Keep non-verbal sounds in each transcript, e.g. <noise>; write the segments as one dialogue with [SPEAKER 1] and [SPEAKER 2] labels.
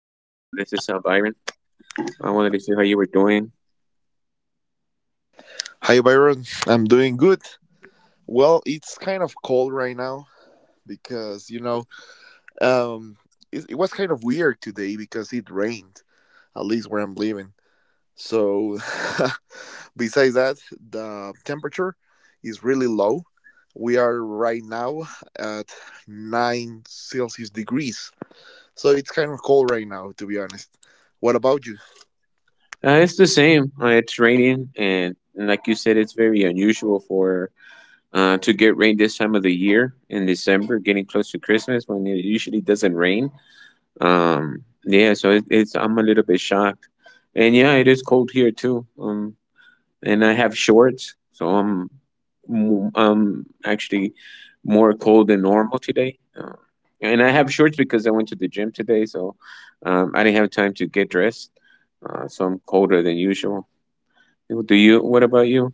[SPEAKER 1] is Byron. I wanted to see how you were doing.
[SPEAKER 2] Hi, Byron. I'm doing good. Well, it's kind of cold right now because, um, it was kind of weird today because it rained, at least where I'm living. So, <laughs> besides that, the temperature is really low. We are right now at 9 Celsius degrees. So, it's kind of cold right now, to be honest. What about you?
[SPEAKER 1] It's the same. It's raining, and like you said, it's very unusual for to get rain this time of the year in December, getting close to Christmas when it usually doesn't rain. Yeah, so it, it's I'm a little bit shocked, and yeah, it is cold here too. And I have shorts, so I'm actually more cold than normal today. And I have shorts because I went to the gym today, so I didn't have time to get dressed. So I'm colder than usual. Do you? What about you?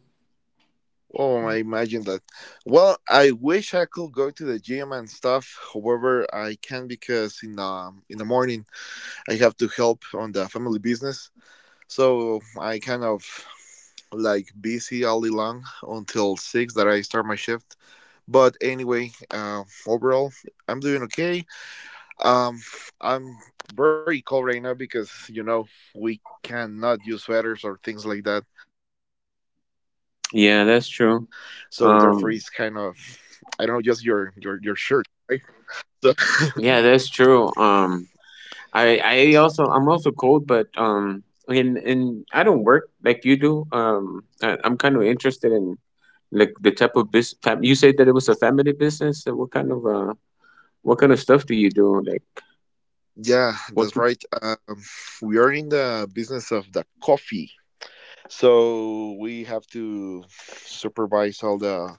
[SPEAKER 2] Oh, I imagine that. Well, I wish I could go to the gym and stuff. However, I can't because in the morning I have to help on the family business. So I kind of like busy all day long until six that I start my shift. But anyway, overall, I'm doing okay. Um, I'm very cold right now because you know we cannot use sweaters or things like that, so therefore, it's kind of,
[SPEAKER 1] Yeah, that's
[SPEAKER 2] I don't know,
[SPEAKER 1] true.
[SPEAKER 2] just your
[SPEAKER 1] Um,
[SPEAKER 2] your your shirt, right? So <laughs>
[SPEAKER 1] Yeah, that's true. I'm also cold, but and I don't work like you do. I'm kind of interested in like the type of business. You said that it was a family business. So what kind of stuff do you do? Like
[SPEAKER 2] yeah,
[SPEAKER 1] what?
[SPEAKER 2] that's right. We are in the business of the coffee, so we have to supervise all the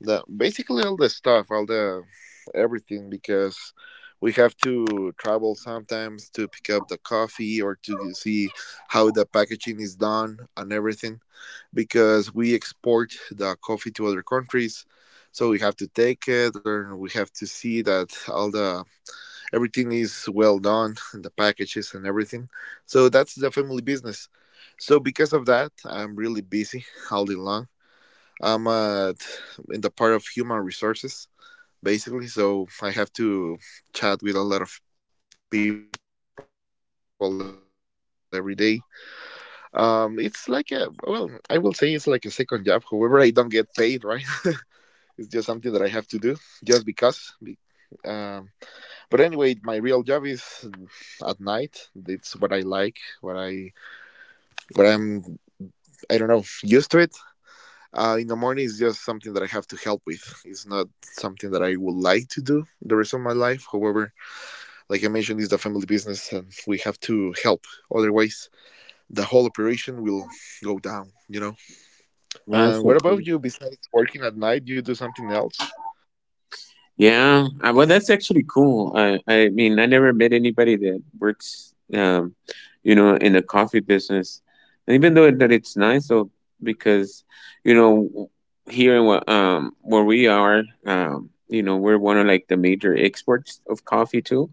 [SPEAKER 2] the basically all the stuff, all the everything because we have to travel sometimes to pick up the coffee or to see how the packaging is done and everything because we export the coffee to other countries, so we have to take it and we have to see that all the everything is well done and the packages and everything. So that's the family business, so because of that, I'm really busy all day long. I'm at, in the part of human resources basically, so I have to chat with a lot of people every day. It's like a, well, I will say it's like a second job. However, I don't get paid, right? It's just something that I have to do just because. Um, but anyway, my real job is, mm, at night. It's what I like, what I, what I'm, I don't know, used to it. In the morning is just something that I have to help with. It's not something that I would like to do the rest of my life. However, like I mentioned, it's the family business, and we have to help. Otherwise, the whole operation will go down, What
[SPEAKER 1] Yeah, that's
[SPEAKER 2] about
[SPEAKER 1] so
[SPEAKER 2] you?
[SPEAKER 1] cool.
[SPEAKER 2] Besides working at night, you do something else?
[SPEAKER 1] Yeah, well, that's actually cool. I mean, I never met anybody that works, in the coffee business. And even though that it's nice, though, because you know, w- where we are, we're one of like the major exports of coffee too.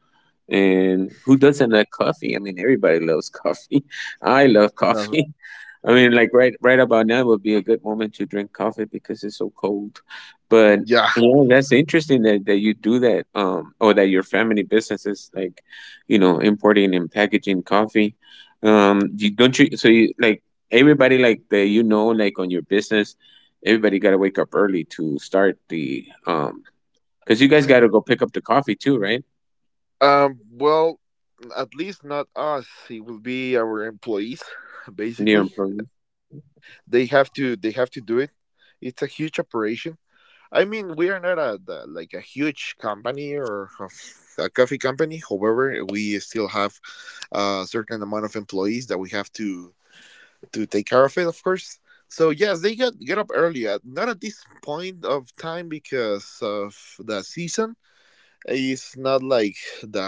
[SPEAKER 1] And who doesn't like coffee? I mean, everybody loves coffee. <laughs> I love
[SPEAKER 2] Uh,
[SPEAKER 1] coffee. <laughs> I mean, like right about now would be a good moment to drink coffee because it's so cold. But
[SPEAKER 2] yeah,
[SPEAKER 1] yeah, that's interesting that you do that, or that your family business is like, importing and packaging coffee. Don't you? So you like everybody like that, like on your business, everybody got to wake up early to start the, because you guys got to go pick up the coffee too, right?
[SPEAKER 2] Well, at least not us. It will be our employees, <laughs>
[SPEAKER 1] Near
[SPEAKER 2] basically.
[SPEAKER 1] employees.
[SPEAKER 2] They have to do it. It's a huge operation. I mean, we are not a the- like a huge company or a coffee company. However, we still have a certain amount of employees that we have to take care of it, of course. So yes, they get up early. At, not at this point of time because of the season. It's not like the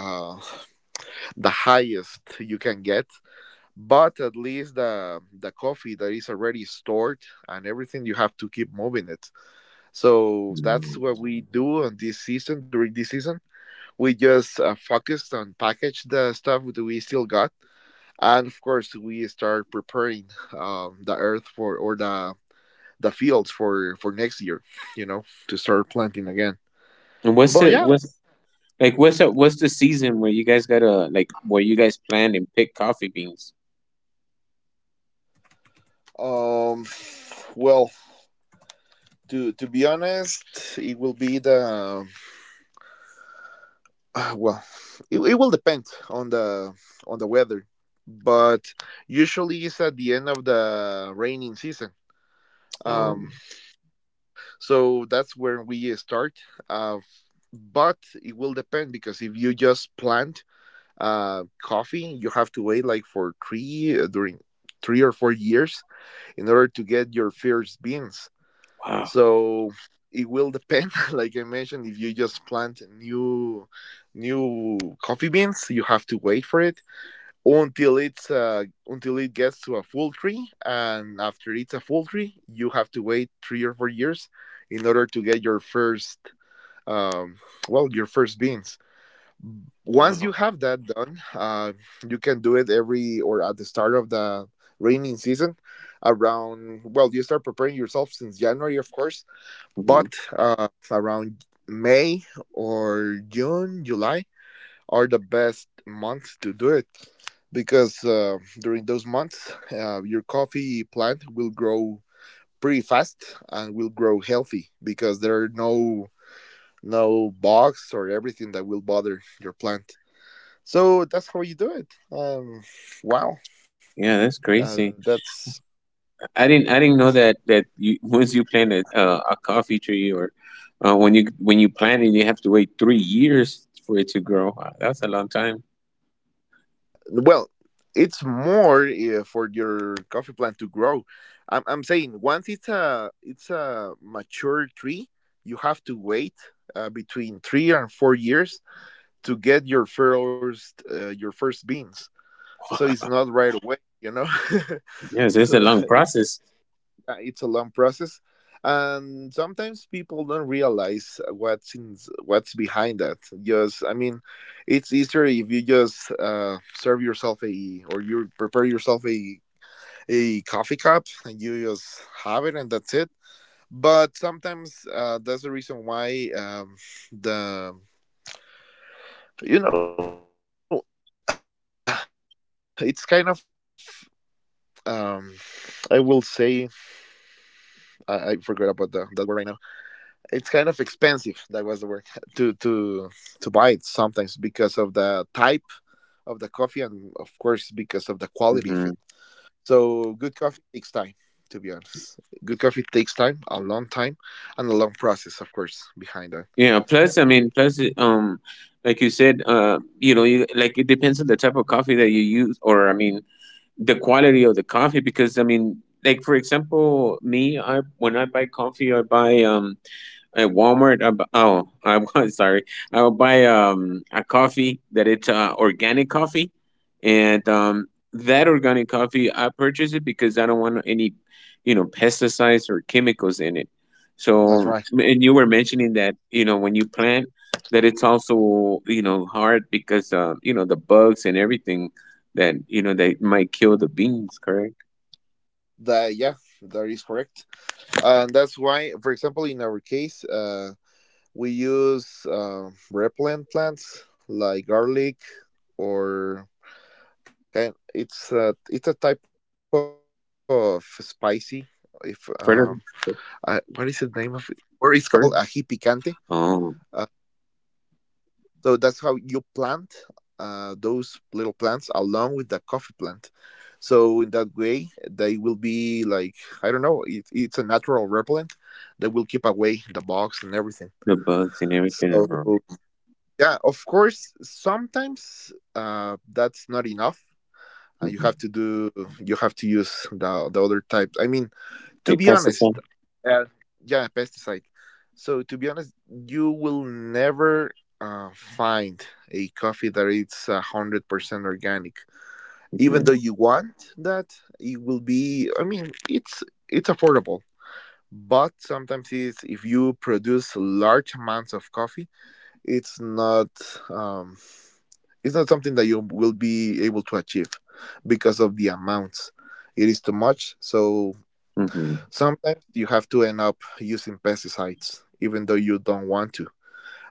[SPEAKER 2] the highest you can get, but at least the coffee that is already stored and everything, you have to keep moving it. So that's what we do on this season. During this season, we just focused on package the stuff that we still got, and of course we start preparing the earth for or the fields for next year, you know, to start planting again.
[SPEAKER 1] And
[SPEAKER 2] But yeah,
[SPEAKER 1] what's the season where you guys gotta, like, where you guys planned and pick coffee beans?
[SPEAKER 2] um well, to be honest, it will be the <sighs> well, it will depend on the weather, but usually it's at the end of the raining season. Um,
[SPEAKER 1] Um,
[SPEAKER 2] so that's where we start. Uh, but it will depend, because if you just plant coffee, you have to wait like for three during 3 or 4 years in order to get your first beans.
[SPEAKER 1] wow,
[SPEAKER 2] So it will depend, <laughs> like I mentioned, if you just plant new coffee beans, you have to wait for it until it's until it gets to a full tree, and after it's a full tree you have to wait 3 or 4 years in order to get your first um, well, your first beans. Once
[SPEAKER 1] wow,
[SPEAKER 2] you have that done, you can do it every or at the start of the raining season. Around, well, you start preparing yourself since January of course,
[SPEAKER 1] hmm,
[SPEAKER 2] but around May or June, July are the best months to do it because during those months, your coffee plant will grow pretty fast and will grow healthy because there are no bugs or everything that will bother your plant. So that's how you do it. Um, wow,
[SPEAKER 1] yeah, that's
[SPEAKER 2] that's,
[SPEAKER 1] crazy. I didn't know that you, <laughs> once you plant a coffee tree, or when you plant it, you have to wait 3 years for it to grow. Wow, that's a long time.
[SPEAKER 2] yeah, well, it's more for your coffee plant to grow. I'm saying once it's a mature tree, you have to wait between 3 and 4 years to get your first beans. So it's not right away, <laughs>
[SPEAKER 1] Yes, it's
[SPEAKER 2] So
[SPEAKER 1] a long
[SPEAKER 2] <laughs>
[SPEAKER 1] process.
[SPEAKER 2] it's a long process and sometimes people don't realize what's in what's behind that. Just, I mean, it's easier if you just serve yourself a, or you prepare yourself a coffee cup and you just have it and that's it. But sometimes that's the reason why the, you know, <sighs> it's kind of, um, I will say, I forgot about the that word right now. It's kind of expensive, that was the word. <laughs> to to to buy it sometimes because of the type of the coffee and of course because of the quality of it.
[SPEAKER 1] Hmm.
[SPEAKER 2] So good coffee takes time, to be honest. Good coffee takes time, a long time, and a long process of course behind that.
[SPEAKER 1] Yeah, plus, I mean, plus, like you said, like it depends on the type of coffee that you use, or I mean, the quality of the coffee. Because I mean, like for example, me, I when I buy coffee, I buy at Walmart. Oh, I was <laughs> sorry. I would buy a coffee that it's organic coffee, and that organic coffee I purchase it because I don't want any, pesticides or chemicals in it.
[SPEAKER 2] That's
[SPEAKER 1] So,
[SPEAKER 2] right.
[SPEAKER 1] and you were mentioning that, when you plant, that it's also, hard, because the bugs and everything that, they might kill the beans. Correct?
[SPEAKER 2] That, yeah, that is correct. And that's why for example in our case, we use repellent plants like garlic or kind, it's a type of spicy, if
[SPEAKER 1] Further,
[SPEAKER 2] what is the name of it, or it's called ají picante.
[SPEAKER 1] further.
[SPEAKER 2] uh,
[SPEAKER 1] Oh,
[SPEAKER 2] so that's how you plant those little plants along with the coffee plant, so in that way they will be like, I don't know, it's a natural repellent that will keep away the bugs and everything.
[SPEAKER 1] the bugs and everything.
[SPEAKER 2] So
[SPEAKER 1] Uh-huh.
[SPEAKER 2] yeah, of course, sometimes that's not enough. You have
[SPEAKER 1] Hmm,
[SPEAKER 2] to do, you have to use the other types. I mean, to
[SPEAKER 1] like
[SPEAKER 2] be honest,
[SPEAKER 1] pesticide.
[SPEAKER 2] uh, yeah, pesticide. So to be honest, you will never find a coffee that it's 100% organic. Even though you want that, it will be, I mean, it's affordable. But sometimes it's, if you produce large amounts of coffee, it's not, um, it's not something that you will be able to achieve because of the amounts. It is too much, so
[SPEAKER 1] Mm-hmm.
[SPEAKER 2] sometimes you have to end up using pesticides even though you don't want to.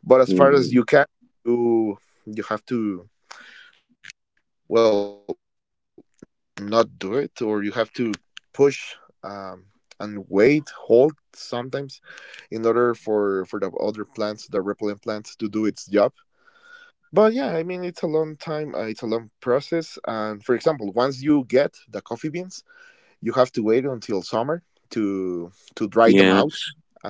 [SPEAKER 2] But as far
[SPEAKER 1] Mm.
[SPEAKER 2] as you can, you you have to, well, not do it, or you have to push um, and wait, hold, sometimes in order for the other plants, the repellent plants, to do its job. But yeah, I mean, it's a long time, it's a long process. And for example, once you get the coffee beans, you have to wait until summer to dry them out
[SPEAKER 1] Yeah.
[SPEAKER 2] and to process.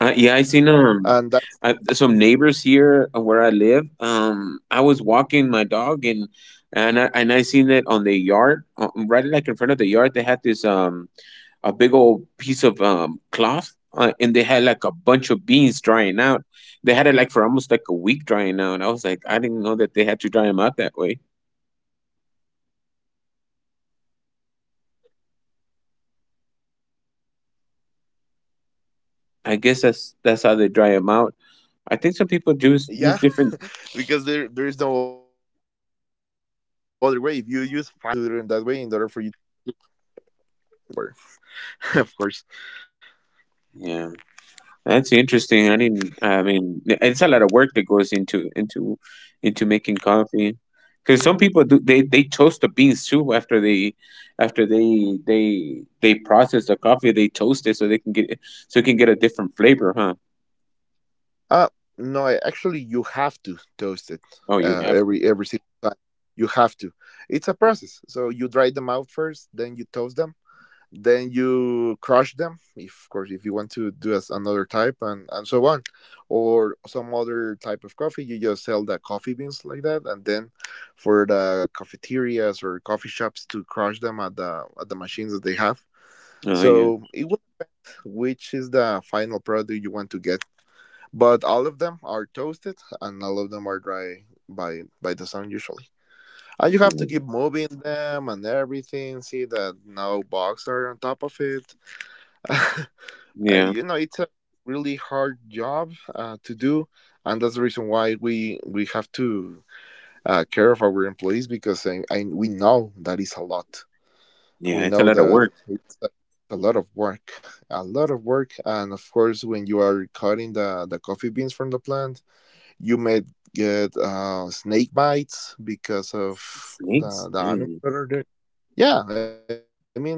[SPEAKER 1] Yeah, I seen,
[SPEAKER 2] And that,
[SPEAKER 1] some neighbors here, where I live. I was walking my dog, and I seen it on the yard, right, like in front of the yard, they had this, a big old piece of, cloth, and they had like a bunch of beans drying out. They had it like for almost like a week drying out. And I was like, I didn't know that they had to dry them out that way.
[SPEAKER 2] yeah, <laughs> because there is no other way. If you use fire, you will get a bad taste from it. So
[SPEAKER 1] I
[SPEAKER 2] you
[SPEAKER 1] guess
[SPEAKER 2] have to
[SPEAKER 1] that's
[SPEAKER 2] do it
[SPEAKER 1] that's
[SPEAKER 2] that
[SPEAKER 1] how
[SPEAKER 2] way
[SPEAKER 1] they
[SPEAKER 2] in
[SPEAKER 1] dry
[SPEAKER 2] order for
[SPEAKER 1] them
[SPEAKER 2] you.
[SPEAKER 1] out. I think some people do use
[SPEAKER 2] Yeah,
[SPEAKER 1] different.
[SPEAKER 2] yeah, there are different methods, but the most common one is the solar power, <laughs> of course.
[SPEAKER 1] Yeah. That's interesting. I didn't. I mean, yeah, it's a lot of work that goes into making coffee. Because some people do, they toast the beans too after, they process the coffee, they toast it so they can get, so it can get, a different flavor, huh?
[SPEAKER 2] Uh, no, actually, you have to toast it
[SPEAKER 1] Oh, you
[SPEAKER 2] uh,
[SPEAKER 1] have to.
[SPEAKER 2] every every single time. You have to. It's a process. So you dry them out first, then you toast them, then you crush them. If, of course, if you want to do as another type, and so on, or some other type of coffee, you just sell the coffee beans like that, and then for the cafeterias or coffee shops to crush them at the machines that they have.
[SPEAKER 1] Oh yeah.
[SPEAKER 2] So it will, which is the final product you want to get. But all of them are toasted and all of them are dry by the sun usually, and you have to
[SPEAKER 1] Mm.
[SPEAKER 2] keep moving them and everything, see that no bugs are on top of it. <laughs>
[SPEAKER 1] Yeah,
[SPEAKER 2] You know, it's a really hard job to do, and that's the reason why we have to care of our employees, because we know that is a lot, we
[SPEAKER 1] yeah. It's a
[SPEAKER 2] know
[SPEAKER 1] lot of
[SPEAKER 2] that
[SPEAKER 1] work.
[SPEAKER 2] it's a lot of work, a lot of work. And of course, when you are cutting the coffee beans from the plant, you may get snake bites because of
[SPEAKER 1] Snakes.
[SPEAKER 2] the animals
[SPEAKER 1] Hey.
[SPEAKER 2] that are there. Yeah, I mean,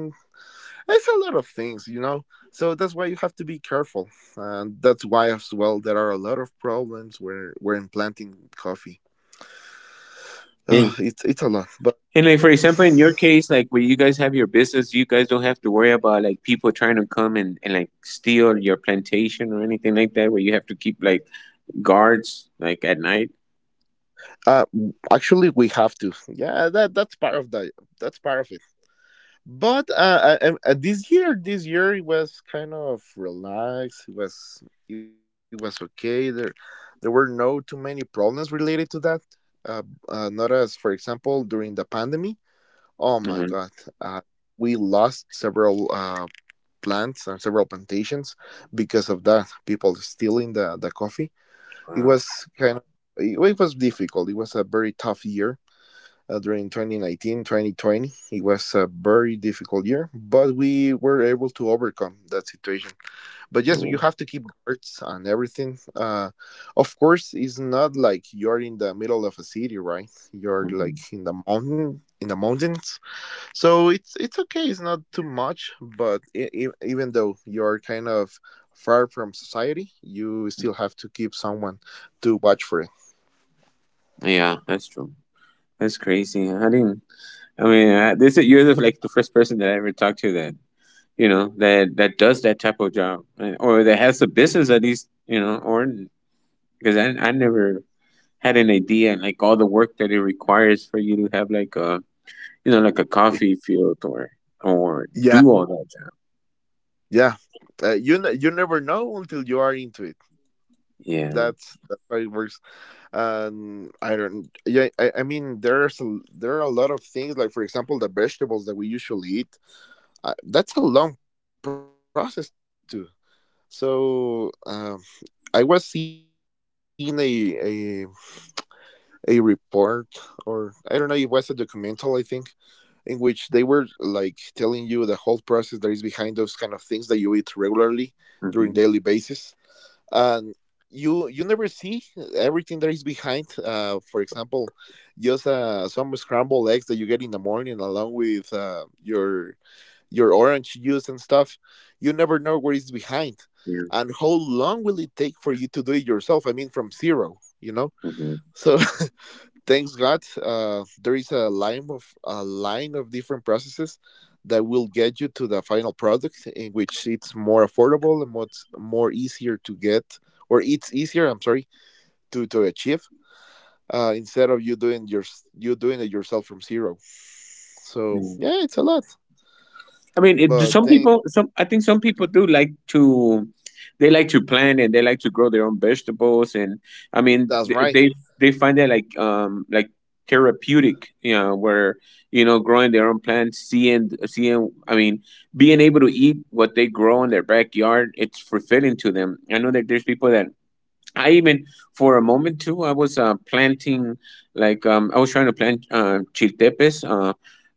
[SPEAKER 2] it's a lot of things, you know? So that's why you have to be careful. And that's why, as well, there are a lot of problems where we're implanting coffee. It's a lot, but
[SPEAKER 1] And like for example, in your case, like when you guys have your business, you guys don't have to worry about like people trying to come and like steal your plantation or anything like that, where you have to keep like guards like at night.
[SPEAKER 2] uh, actually we have to. Yeah, that that's part of the that's part of it. But this year it was kind of relaxed. It was okay. There were no too many problems related to that. Uh, Not as, for example, during the pandemic. Oh my
[SPEAKER 1] Uh-huh.
[SPEAKER 2] God, uh, we lost several plants and several plantations because of that. People stealing the coffee. It
[SPEAKER 1] Wow.
[SPEAKER 2] was kind of it was difficult. It was a very tough year during 2019 2020. It was a very difficult year, but we were able to overcome that situation. But yes, you
[SPEAKER 1] Cool.
[SPEAKER 2] have to keep guards and everything. Of course, it's not like you're in the middle of a city, right? You're like
[SPEAKER 1] Mhm.
[SPEAKER 2] in the mountains, so it's okay. It's not too much. But even though you're kind of far from society, you still have to keep someone to watch for it.
[SPEAKER 1] Yeah, that's true. That's crazy. I didn't. I mean, this is, you're the, like the first person that I ever talked to, that, that that does that type of job, and- or that has a business, at least, or, because I never had an idea like all the work that it requires for you to have like a, like a
[SPEAKER 2] <laughs>
[SPEAKER 1] coffee field, or
[SPEAKER 2] Yeah.
[SPEAKER 1] do all that.
[SPEAKER 2] Yeah. You never know until you are into it.
[SPEAKER 1] Yeah,
[SPEAKER 2] That's how it works. And I don't. Yeah, I mean, there are a lot of things, like, for example, the vegetables that we usually eat. That's a long process too. So I was seeing a report, or I don't know, it was a documental, I think, in which they were like telling you the whole process that is behind those kind of things that you eat regularly during daily basis.
[SPEAKER 1] hmm,
[SPEAKER 2] And you never see everything that is behind, for example just some scrambled eggs that you get in the morning along with your orange juice and stuff. You never know what is behind and how long
[SPEAKER 1] yeah,
[SPEAKER 2] will it take for you to do it yourself, I mean, from zero, so.
[SPEAKER 1] hmm.
[SPEAKER 2] <laughs> Thanks God, there is a line of different processes that will get you to the final product, in which it's more affordable and much more easier to get, or it's easier. I'm sorry, to achieve, instead of you doing it yourself from zero. So yeah, it's a lot,
[SPEAKER 1] I mean,
[SPEAKER 2] but
[SPEAKER 1] it, some
[SPEAKER 2] thank
[SPEAKER 1] people, some I think some people do like to, they like to plant and they like to grow their own vegetables, and I mean,
[SPEAKER 2] that's
[SPEAKER 1] th-
[SPEAKER 2] right.
[SPEAKER 1] they they find that like, like therapeutic, you know, where, growing their own plants, I mean, being able to eat what they grow in their backyard, it's fulfilling to them. I know that there's people that, I even for a moment too, I was, planting, like, I was trying to plant, chiltepes, uh,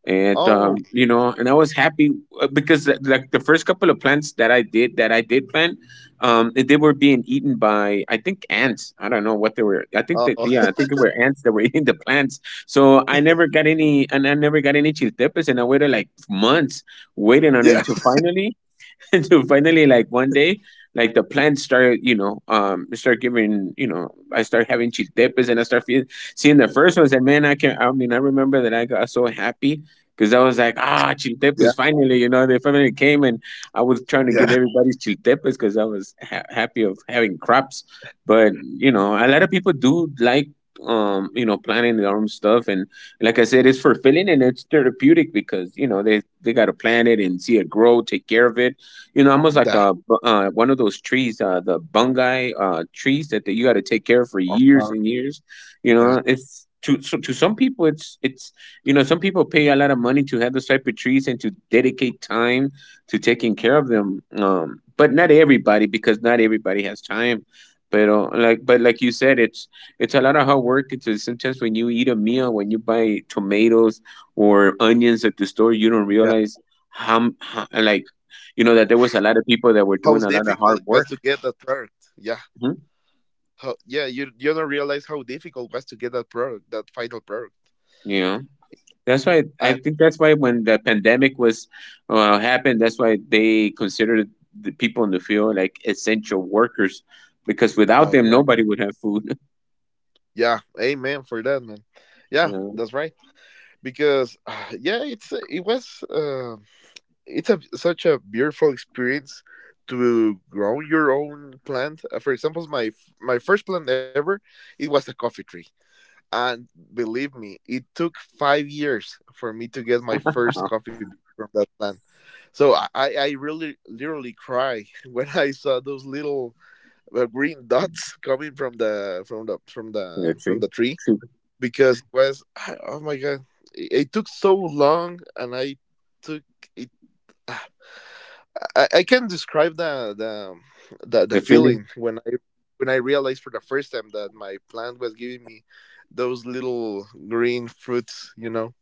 [SPEAKER 1] and
[SPEAKER 2] Oh,
[SPEAKER 1] and I was happy, because, like the first couple of plants that, I did plant, they were being eaten by, I think, ants. I don't know what they were. I think that,
[SPEAKER 2] oh,
[SPEAKER 1] yeah, I think it were ants that were <laughs> eating the plants. So I never got any, and I never got any chiltepes, and I waited like months waiting
[SPEAKER 2] <laughs>
[SPEAKER 1] on
[SPEAKER 2] yeah,
[SPEAKER 1] it to finally. <laughs> And so finally, like one day, like the plant started, start giving you know I start having chiltepes, and I start feeling, seeing the first ones, and man, I mean, I remember that I got so happy because I was like, ah,
[SPEAKER 2] yeah,
[SPEAKER 1] chiltepes finally, they finally came. And I was trying to give
[SPEAKER 2] yeah,
[SPEAKER 1] everybody's chiltepes because I was happy of having crops. But you know, a lot of people do like, planting their own stuff. And like I said, it's fulfilling and it's therapeutic because, they got to plant it and see it grow, take care of it, you know, almost like
[SPEAKER 2] yeah.
[SPEAKER 1] one of those trees, the bungai trees that you got to take care of for years
[SPEAKER 2] Uh-huh.
[SPEAKER 1] and years. You
[SPEAKER 2] Yeah,
[SPEAKER 1] know, it's, to some people, some people pay a lot of money to have those type of trees and to dedicate time to taking care of them. But not everybody, because not everybody has time. But like you said, it's a lot of hard work. It's Sometimes when you eat a meal, when you buy tomatoes or onions at the store, you don't
[SPEAKER 2] yeah.
[SPEAKER 1] realize how, like, that there was a lot of people that were
[SPEAKER 2] How
[SPEAKER 1] doing a lot of
[SPEAKER 2] difficult
[SPEAKER 1] hard
[SPEAKER 2] it was
[SPEAKER 1] work.
[SPEAKER 2] to get the third. Yeah.
[SPEAKER 1] Mhm.
[SPEAKER 2] Yeah, you don't realize how difficult was to get that product, that final product.
[SPEAKER 1] You know, that's why I
[SPEAKER 2] And
[SPEAKER 1] think that's why when the pandemic, was happened, that's why they considered the people in the field like essential workers, because without
[SPEAKER 2] that's
[SPEAKER 1] them
[SPEAKER 2] right.
[SPEAKER 1] nobody would have food. <laughs>
[SPEAKER 2] Yeah, amen for that, man.
[SPEAKER 1] You
[SPEAKER 2] Yeah,
[SPEAKER 1] know,
[SPEAKER 2] that's right. Because <sighs> yeah, it was it's a such a beautiful experience to grow your own plant. For example, my first plant ever, it was a coffee tree, and believe me, it took 5 years for me to get my first
[SPEAKER 1] uh
[SPEAKER 2] coffee bean from that plant. So I really literally cry <laughs> when I saw those little green dots <laughs> coming
[SPEAKER 1] the
[SPEAKER 2] from
[SPEAKER 1] tree
[SPEAKER 2] the tree.
[SPEAKER 1] tree
[SPEAKER 2] Because it was, oh my God, it took so long. And I took it, I can not describe the
[SPEAKER 1] the feeling
[SPEAKER 2] feeling when I realized for the first time that my plant was giving me those little green fruits. You know,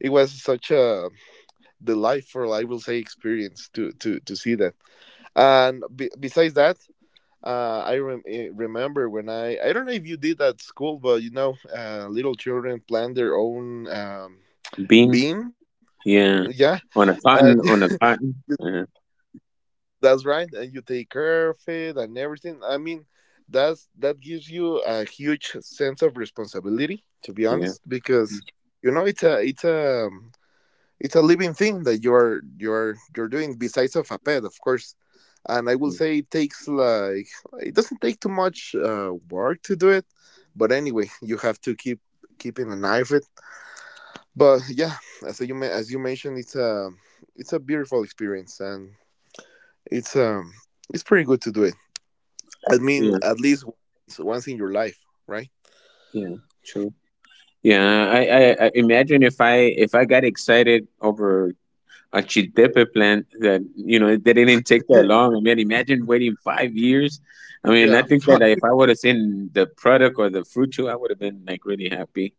[SPEAKER 2] it was such a delightful, I will say, experience to see that. And besides that, remember when I don't know if you did at school, but you know, little children plant their own
[SPEAKER 1] bean,
[SPEAKER 2] bean. Yeah,
[SPEAKER 1] yeah, on a
[SPEAKER 2] uh,
[SPEAKER 1] cotton,
[SPEAKER 2] <laughs> that's right. And you take care of it and everything. I mean, that gives you a huge sense of responsibility, to be
[SPEAKER 1] yeah,
[SPEAKER 2] honest, because you know it's a, it's a living thing that you're doing. Besides of a pet, of course. And I will say it takes like, it doesn't take too much work to do it, but anyway, <laughs> you have to keeping an eye of it. But yeah, as as you mentioned, it's a, it's a beautiful experience, and it's um it's pretty good to do it. I mean,
[SPEAKER 1] yeah,
[SPEAKER 2] at least once in your life, right?
[SPEAKER 1] yeah, true. Yeah, I imagine if I got excited over a chiltepe plant that, you know, they didn't take that long. I
[SPEAKER 2] <laughs>
[SPEAKER 1] mean, imagine waiting 5 years. I mean, I
[SPEAKER 2] yeah,
[SPEAKER 1] think that if I would have seen the product or the fruit too, I would have been like really happy.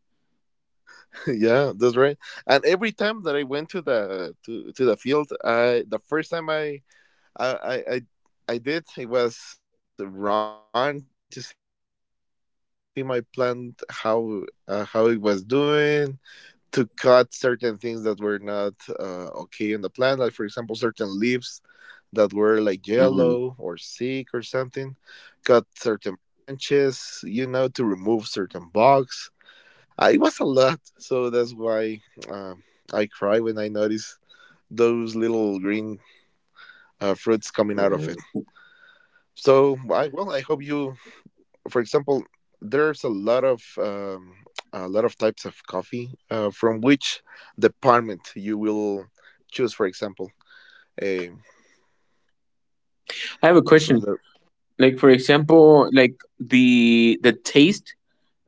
[SPEAKER 2] <laughs> yeah, that's right. And every time that I went to the field, I the first time I did, it was run to see my plant, how, how it was doing, to cut certain things that were not okay in the plant, like for example certain leaves that were like
[SPEAKER 1] Hmm.
[SPEAKER 2] yellow or sick or something. Cut certain branches, you know, to remove certain bugs. It was a lot, so that's why uh, I cry when I notice those little green fruits
[SPEAKER 1] Yeah.
[SPEAKER 2] coming out of it. So I, well, I hope you... For example, there's a lot of types of coffee, from which department you will choose. For example, a
[SPEAKER 1] I have a question. Like for
[SPEAKER 2] from the...
[SPEAKER 1] example, like the taste,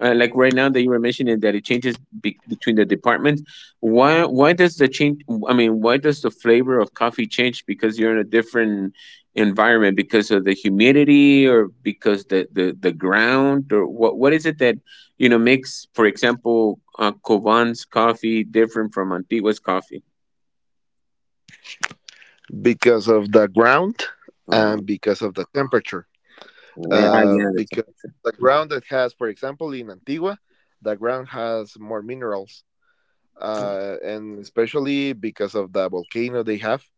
[SPEAKER 1] like right now that you were mentioning that it changes, between the departments, why does the change, I mean, why does the flavor of coffee change? Because you're in a different environment, because of the humidity, or because the ground, or what is it that, makes, for example, Covan's coffee different from Antigua's coffee?
[SPEAKER 2] because of the ground
[SPEAKER 1] uh,
[SPEAKER 2] and because of the temperature.
[SPEAKER 1] yeah, yeah, the
[SPEAKER 2] Because
[SPEAKER 1] temperature.
[SPEAKER 2] the
[SPEAKER 1] Mhm.
[SPEAKER 2] ground that has, for example, in Antigua, the ground has more minerals, and especially because of the volcano they have,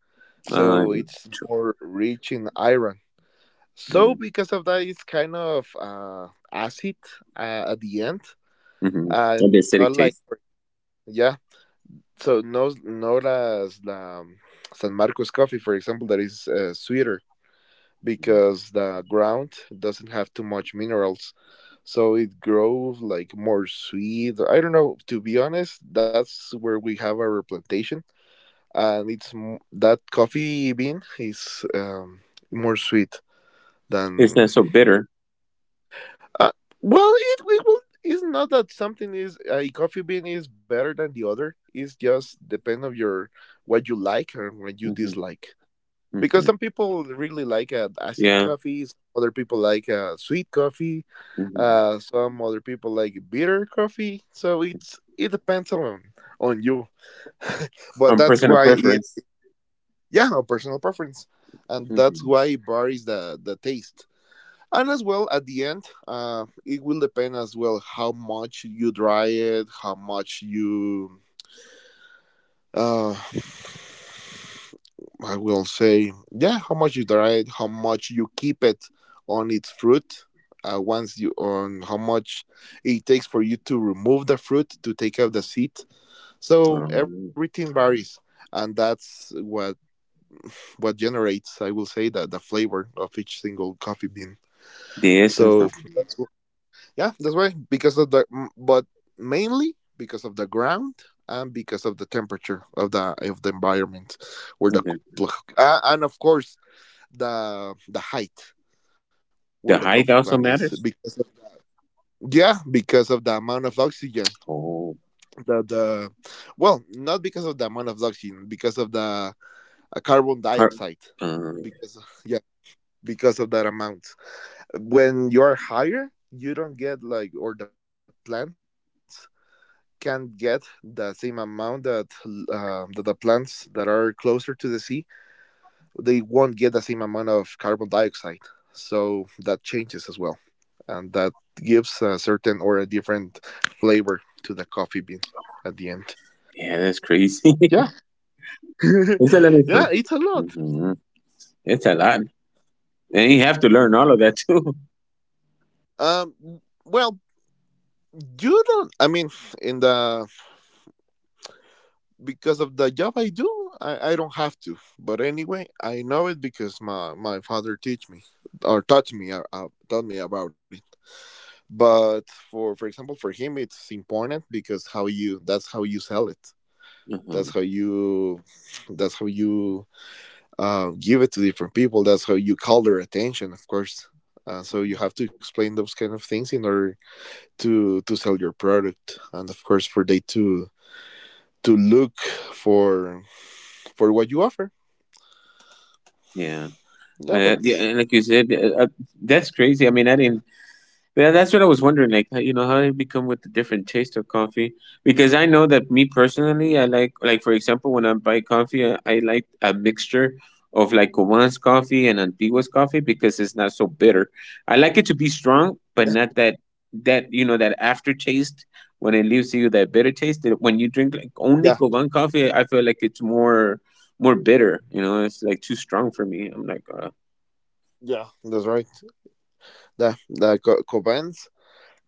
[SPEAKER 1] uh,
[SPEAKER 2] so it's more rich in iron. So because of that, it's kind of acid at the end,
[SPEAKER 1] mm-hmm.
[SPEAKER 2] and
[SPEAKER 1] The
[SPEAKER 2] not
[SPEAKER 1] acidic
[SPEAKER 2] like,
[SPEAKER 1] taste,
[SPEAKER 2] yeah. So no, not as the San Marcos coffee, for example, that is sweeter, because the ground doesn't have too much minerals, so it grows like more sweet. I don't know. To be honest, that's where we have our plantation, and that coffee bean is more sweet
[SPEAKER 1] it's not
[SPEAKER 2] than...
[SPEAKER 1] so bitter.
[SPEAKER 2] Uh, well, it's not that something is a coffee bean is better than the other. It's just depend of your what you like and what you
[SPEAKER 1] Hmm,
[SPEAKER 2] dislike. Because
[SPEAKER 1] hmm,
[SPEAKER 2] some people really like acid
[SPEAKER 1] yeah,
[SPEAKER 2] coffees, other people like sweet coffee,
[SPEAKER 1] hmm.
[SPEAKER 2] some other people like bitter coffee. So it depends on you. <laughs> But that's
[SPEAKER 1] Personal
[SPEAKER 2] why it,
[SPEAKER 1] preference.
[SPEAKER 2] yeah, a personal preference, and that's
[SPEAKER 1] Mm-hmm.
[SPEAKER 2] why it varies the taste. And as well, at the end, it will depend as well how much you dry it, how much you uh, I will say, yeah, how much you dry it, how much you keep it on its fruit, once you... on how much it takes for you to remove the fruit, to take out the seed. So
[SPEAKER 1] Um,
[SPEAKER 2] everything varies, and that's what generates, I will say, that the flavor of each single coffee bean.
[SPEAKER 1] the essence
[SPEAKER 2] So
[SPEAKER 1] of,
[SPEAKER 2] that's... Yeah, that's why. Because of the, but mainly because of the ground and because of the temperature of the environment, where the
[SPEAKER 1] okay.
[SPEAKER 2] co- pl- and of course the height where the
[SPEAKER 1] The
[SPEAKER 2] coffee
[SPEAKER 1] height
[SPEAKER 2] plant is,
[SPEAKER 1] also
[SPEAKER 2] because
[SPEAKER 1] matters.
[SPEAKER 2] of, yeah, because of the amount of oxygen
[SPEAKER 1] Oh,
[SPEAKER 2] the, not because of the amount of oxygen, because of the carbon
[SPEAKER 1] per-
[SPEAKER 2] dioxide.
[SPEAKER 1] um,
[SPEAKER 2] Because <laughs> yeah, because of that amount. When you are higher, you don't get like, or the plants can get the same amount that that the plants that are closer to the sea, they won't get the same amount of carbon dioxide. So that changes as well, and that gives a certain or a different flavor to the coffee bean at the end.
[SPEAKER 1] yeah, that's crazy.
[SPEAKER 2] Yeah, <laughs>
[SPEAKER 1] <laughs> It's a little
[SPEAKER 2] yeah,
[SPEAKER 1] true.
[SPEAKER 2] it's a lot.
[SPEAKER 1] Hmm. It's a lot, and you have to learn all of that too.
[SPEAKER 2] Well, you don't. I mean, in the, because of the job I do, I don't have to. But anyway, I know it because my father teach me or taught me or taught me about it. But for example, for him, it's important because how you that's how you sell it.
[SPEAKER 1] <laughs> Hmm.
[SPEAKER 2] That's how you that's how you give it to different people. That's how you call their attention, of course. So you have to explain those kind of things in order to sell your product, and of course for they to look for what you offer.
[SPEAKER 1] Yeah.
[SPEAKER 2] Yeah, but
[SPEAKER 1] Yeah, and like you said, that's crazy. I mean, I didn't Yeah, that's what I was wondering, like how I become with the different taste of coffee. Because I know that me personally, I like for example, when I buy coffee, I like a mixture of like Cuban's coffee and Antigua's coffee because it's not so bitter. I like it to be strong, but not that that you know that aftertaste when it leaves you that bitter taste. That when you drink like only
[SPEAKER 2] yeah,
[SPEAKER 1] Cuban coffee, I feel like it's more bitter. You know, it's like too strong for me. I'm like,
[SPEAKER 2] yeah, that's right. Cobans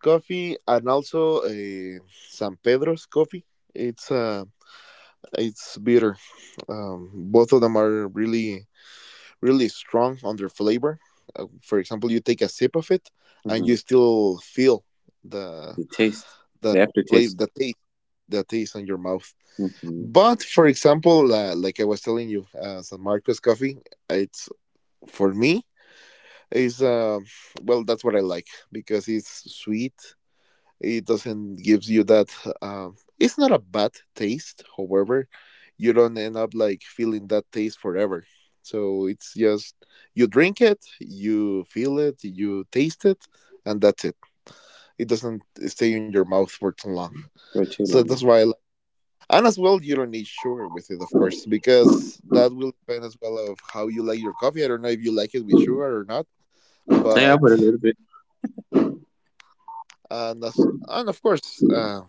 [SPEAKER 2] coffee and also San Pedro's coffee, it's it's bitter. Both of them are really really strong on their flavor. For example, you take a sip of it, and
[SPEAKER 1] hmm.
[SPEAKER 2] you still feel the
[SPEAKER 1] The taste,
[SPEAKER 2] the
[SPEAKER 1] the
[SPEAKER 2] flavor,
[SPEAKER 1] aftertaste,
[SPEAKER 2] the taste on your mouth.
[SPEAKER 1] hmm,
[SPEAKER 2] But for example, like I was telling you, San Marcos coffee, it's, for me, It's well, that's what I like, because it's sweet. It doesn't gives you that. It's not a bad taste. However, you don't end up like feeling that taste forever. So it's just you drink it, you feel it, you taste it, and that's it. It doesn't stay in your mouth for too long.
[SPEAKER 1] for too
[SPEAKER 2] So that's
[SPEAKER 1] long.
[SPEAKER 2] why I like. And as well, you don't need sugar with it, of course, because that will depend as well of how you like your coffee. I don't know if you like it with sugar or not,
[SPEAKER 1] Yeah, I
[SPEAKER 2] but
[SPEAKER 1] put a little bit.
[SPEAKER 2] and of course, uh,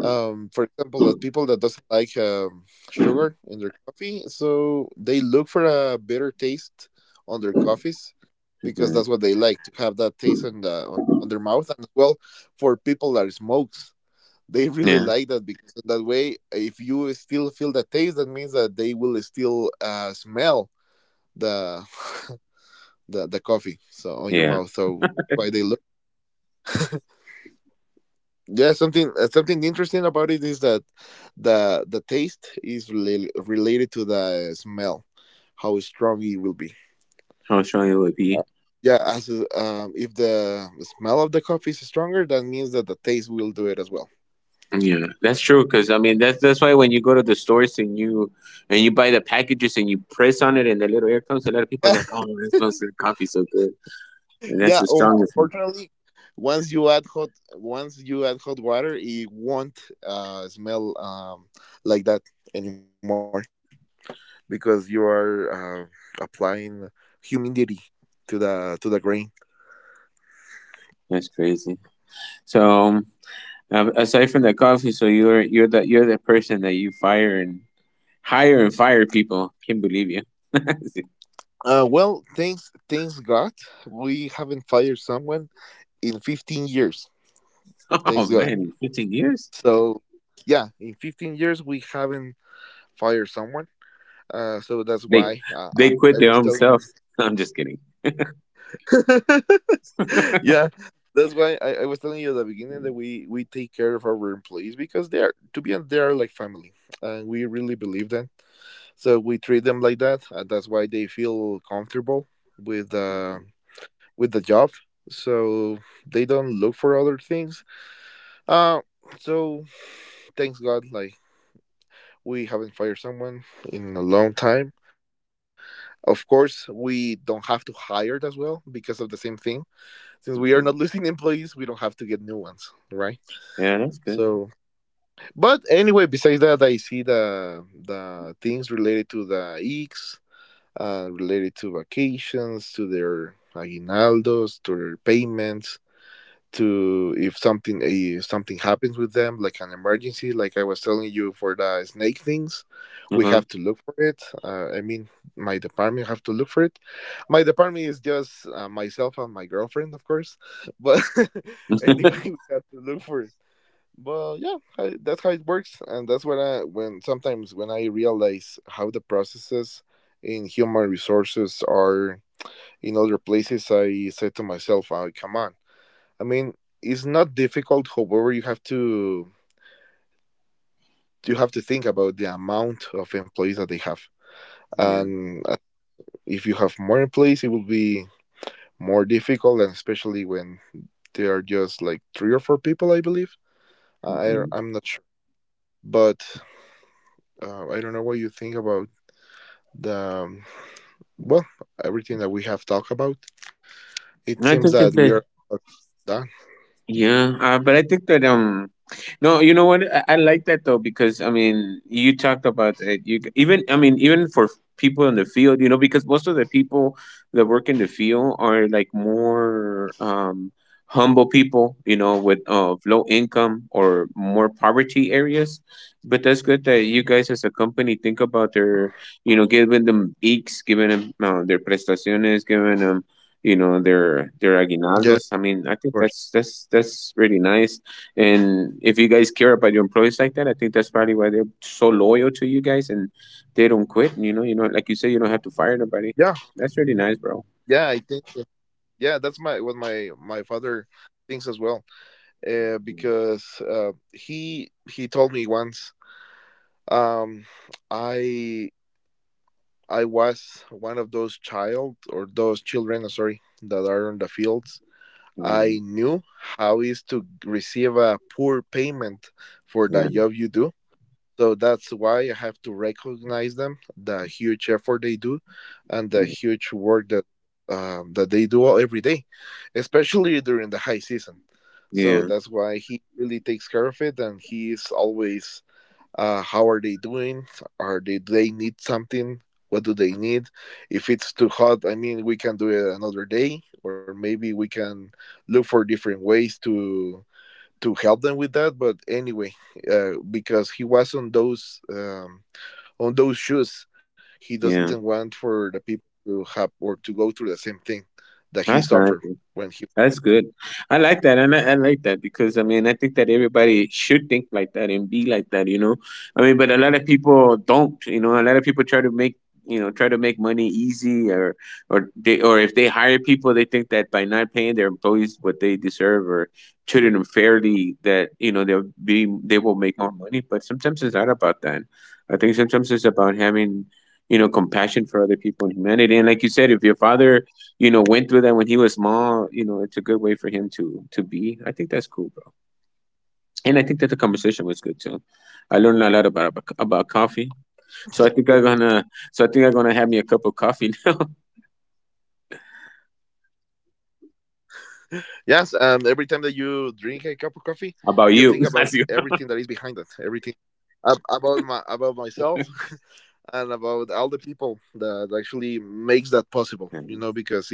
[SPEAKER 2] um, for example, the people that doesn't like sugar in their coffee, so they look for a bitter taste on their coffees because
[SPEAKER 1] Hmm.
[SPEAKER 2] that's what they like, to have that taste on, on their mouth. And as well, for people that smokes, they <laughs> really
[SPEAKER 1] Yeah,
[SPEAKER 2] like that, because in that way, if you still feel the taste, that means that they will still smell the, <laughs> the coffee, so on your
[SPEAKER 1] yeah.
[SPEAKER 2] mouth, so why they. Yeah, something interesting about it is that the related to the smell, how strong it will be.
[SPEAKER 1] How strong it would
[SPEAKER 2] Uh,
[SPEAKER 1] be.
[SPEAKER 2] Yeah, as if the smell of the coffee is stronger, that means that the taste will do it as well.
[SPEAKER 1] Yeah, that's true. Cause I mean, that's why when you go to the stores and you buy the packages and you press on it and the little air comes, a lot of people are
[SPEAKER 2] Yeah,
[SPEAKER 1] like, "Oh, that smells like coffee so good," and
[SPEAKER 2] <laughs>
[SPEAKER 1] that's
[SPEAKER 2] yeah.
[SPEAKER 1] the strongest.
[SPEAKER 2] Unfortunately, once you add hot, once you add hot water, it won't smell like that anymore, because you are applying humidity to the grain.
[SPEAKER 1] That's crazy. So, aside from the coffee, so you're the person that you fire and hire and fire people. Can't believe you. <laughs> It's
[SPEAKER 2] Well, thanks God, we haven't fired someone in 15 years.
[SPEAKER 1] like,
[SPEAKER 2] Thanks
[SPEAKER 1] oh
[SPEAKER 2] God.
[SPEAKER 1] man, 15 years.
[SPEAKER 2] So, yeah, in 15 years we haven't fired someone. So that's
[SPEAKER 1] They
[SPEAKER 2] why
[SPEAKER 1] they quit
[SPEAKER 2] I
[SPEAKER 1] their
[SPEAKER 2] was
[SPEAKER 1] own self.
[SPEAKER 2] telling
[SPEAKER 1] <laughs> I'm just kidding.
[SPEAKER 2] you. <laughs> Yeah, that's why I was telling you at the beginning that we take care of our employees, because they are, to be honest, they are like family, and we really believe that. So we treat them like that. And that's why they feel comfortable with. With the job, so they don't look for other things. Uh, so thanks God, like, we haven't fired someone in a long time. Of course, we don't have to hire as well because of the same thing. Since we are not <laughs>
[SPEAKER 1] Mhm.
[SPEAKER 2] losing employees, we don't have to get new ones, right?
[SPEAKER 1] Yeah, that's good.
[SPEAKER 2] So, but anyway, besides that, I see the things related to the EECs, related to vacations, to their aguinaldos, to their payments, to if something, if something happens with them, like an emergency, like I was telling you for the snake things,
[SPEAKER 1] Uh
[SPEAKER 2] we
[SPEAKER 1] huh.
[SPEAKER 2] have to look for it. I mean my department have to look for it. My department is just myself and my girlfriend, of course, but <laughs> anyway, we
[SPEAKER 1] <laughs>
[SPEAKER 2] have to look for it. But yeah, that's how it works. And that's when sometimes when I realize how the processes in human resources are in other places, I said to myself, come on. I mean, it's not difficult. However, you have to think about the amount of employees that they have,
[SPEAKER 1] Yeah.
[SPEAKER 2] and if you have more employees, it will be more difficult, and especially when they are just like three or four people, I believe.
[SPEAKER 1] Hmm.
[SPEAKER 2] I'm not sure, but I don't know what you think about the well, everything that we have talked about. It
[SPEAKER 1] I
[SPEAKER 2] seems
[SPEAKER 1] think
[SPEAKER 2] that
[SPEAKER 1] that
[SPEAKER 2] we
[SPEAKER 1] they,
[SPEAKER 2] are done.
[SPEAKER 1] yeah, but I think that no, you know what? I like that though because I mean, you talked about it. You even I mean, even for people in the field, you know, because most of the people that work in the field are like more humble people, you know, with low income or more poverty areas. But that's good that you guys as a company think about their, you know, giving them eeks, giving them their prestaciones, giving them, you know, their
[SPEAKER 2] Yeah,
[SPEAKER 1] their
[SPEAKER 2] of
[SPEAKER 1] aguinaldos. I
[SPEAKER 2] course.
[SPEAKER 1] mean, I think that's that's really nice, and if you guys care about your employees like that, I think that's probably why they're so loyal to you guys and they don't quit. Like you say, you don't have to fire nobody.
[SPEAKER 2] Yeah,
[SPEAKER 1] That's really nice, bro.
[SPEAKER 2] yeah. I think so. Yeah. That's my, what my father thinks as well. Because he told me once, um, I I was one of those child or those children, sorry, that are on the fields. I
[SPEAKER 1] Mm,
[SPEAKER 2] knew how is to receive a poor payment for the
[SPEAKER 1] yeah,
[SPEAKER 2] job you do. So that's why I have to recognize them, the huge effort they do, and the
[SPEAKER 1] yeah,
[SPEAKER 2] huge work that that they do every day, especially during the high season. So
[SPEAKER 1] yeah,
[SPEAKER 2] that's why he really takes care of it, and he is always, how are they doing? Are they, do they need something? What do they need? If it's too hot, I mean, we can do it another day, or maybe we can look for different ways to help them with that. But anyway, because he was on those shoes, he doesn't
[SPEAKER 1] yeah.
[SPEAKER 2] want for the people to have or to go through the same thing that he
[SPEAKER 1] That's
[SPEAKER 2] suffered
[SPEAKER 1] nice.
[SPEAKER 2] when he.
[SPEAKER 1] That's good. I like that, and I like that because I mean I think that everybody should think like that and be like that, you know. I mean, but a lot of people don't, you know. A lot of people try to make money easy, or they or if they hire people, they think that by not paying their employees what they deserve or treating them fairly, that you know they will make more money. But sometimes it's not about that. I think sometimes it's about having you know compassion for other people and humanity. And like you said, if your father you know, went through that when he was small, you know, it's a good way for him to be. I
[SPEAKER 2] Yeah,
[SPEAKER 1] think that's cool, bro. And I think that the
[SPEAKER 2] yeah. And as
[SPEAKER 1] conversation was
[SPEAKER 2] well,
[SPEAKER 1] good
[SPEAKER 2] at the
[SPEAKER 1] too.
[SPEAKER 2] end.
[SPEAKER 1] I learned a lot about coffee. So I think I'm gonna so I think I'm gonna have me a cup of coffee <laughs> now.
[SPEAKER 2] Yes, every time that you drink a cup of coffee, you think about everything that is
[SPEAKER 1] About
[SPEAKER 2] behind
[SPEAKER 1] you.
[SPEAKER 2] it,
[SPEAKER 1] <laughs> That's you.
[SPEAKER 2] everything about my about myself, <laughs> and about all the people that actually makes that possible. You know, because
[SPEAKER 1] Mhm.
[SPEAKER 2] it's a lot.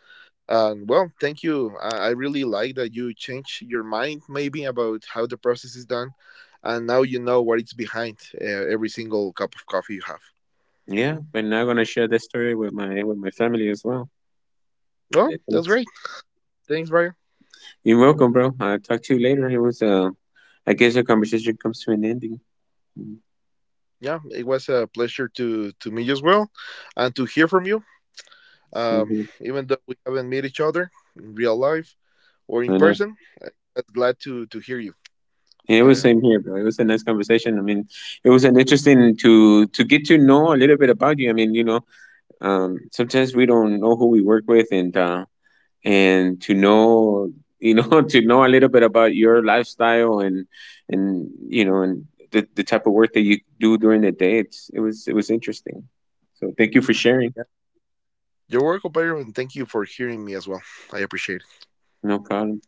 [SPEAKER 2] And well, thank you. I really like that you change your mind maybe about how the process is done, and now you know what it's behind every single cup of coffee you have.
[SPEAKER 1] <laughs> Yeah, but now I'm gonna share this story with my family as well.
[SPEAKER 2] Well,
[SPEAKER 1] Yeah,
[SPEAKER 2] that's
[SPEAKER 1] thanks.
[SPEAKER 2] great. Thanks, Brian.
[SPEAKER 1] You're welcome, bro. I'll talk to you later. It was, I guess our conversation comes to an ending. Mm,
[SPEAKER 2] Yeah, it was a pleasure to meet you as well, and to hear from you.
[SPEAKER 1] same
[SPEAKER 2] Um,
[SPEAKER 1] here.
[SPEAKER 2] Even though we haven't met each other in real life or in
[SPEAKER 1] I know.
[SPEAKER 2] person, I'm glad to hear you.
[SPEAKER 1] Yeah, it was
[SPEAKER 2] I,
[SPEAKER 1] same here, bro. It was a nice conversation. I mean, it was an interesting to get to know a little bit about you. I mean, you know, sometimes we don't know who we work with, and to know, you know, <laughs> to know a little bit about your lifestyle and and you know and the type of work that you do during the day. It's it was interesting. So thank you for sharing.
[SPEAKER 2] yeah. You're welcome, compadre, and thank you for hearing me as well. I appreciate it.
[SPEAKER 1] No problem.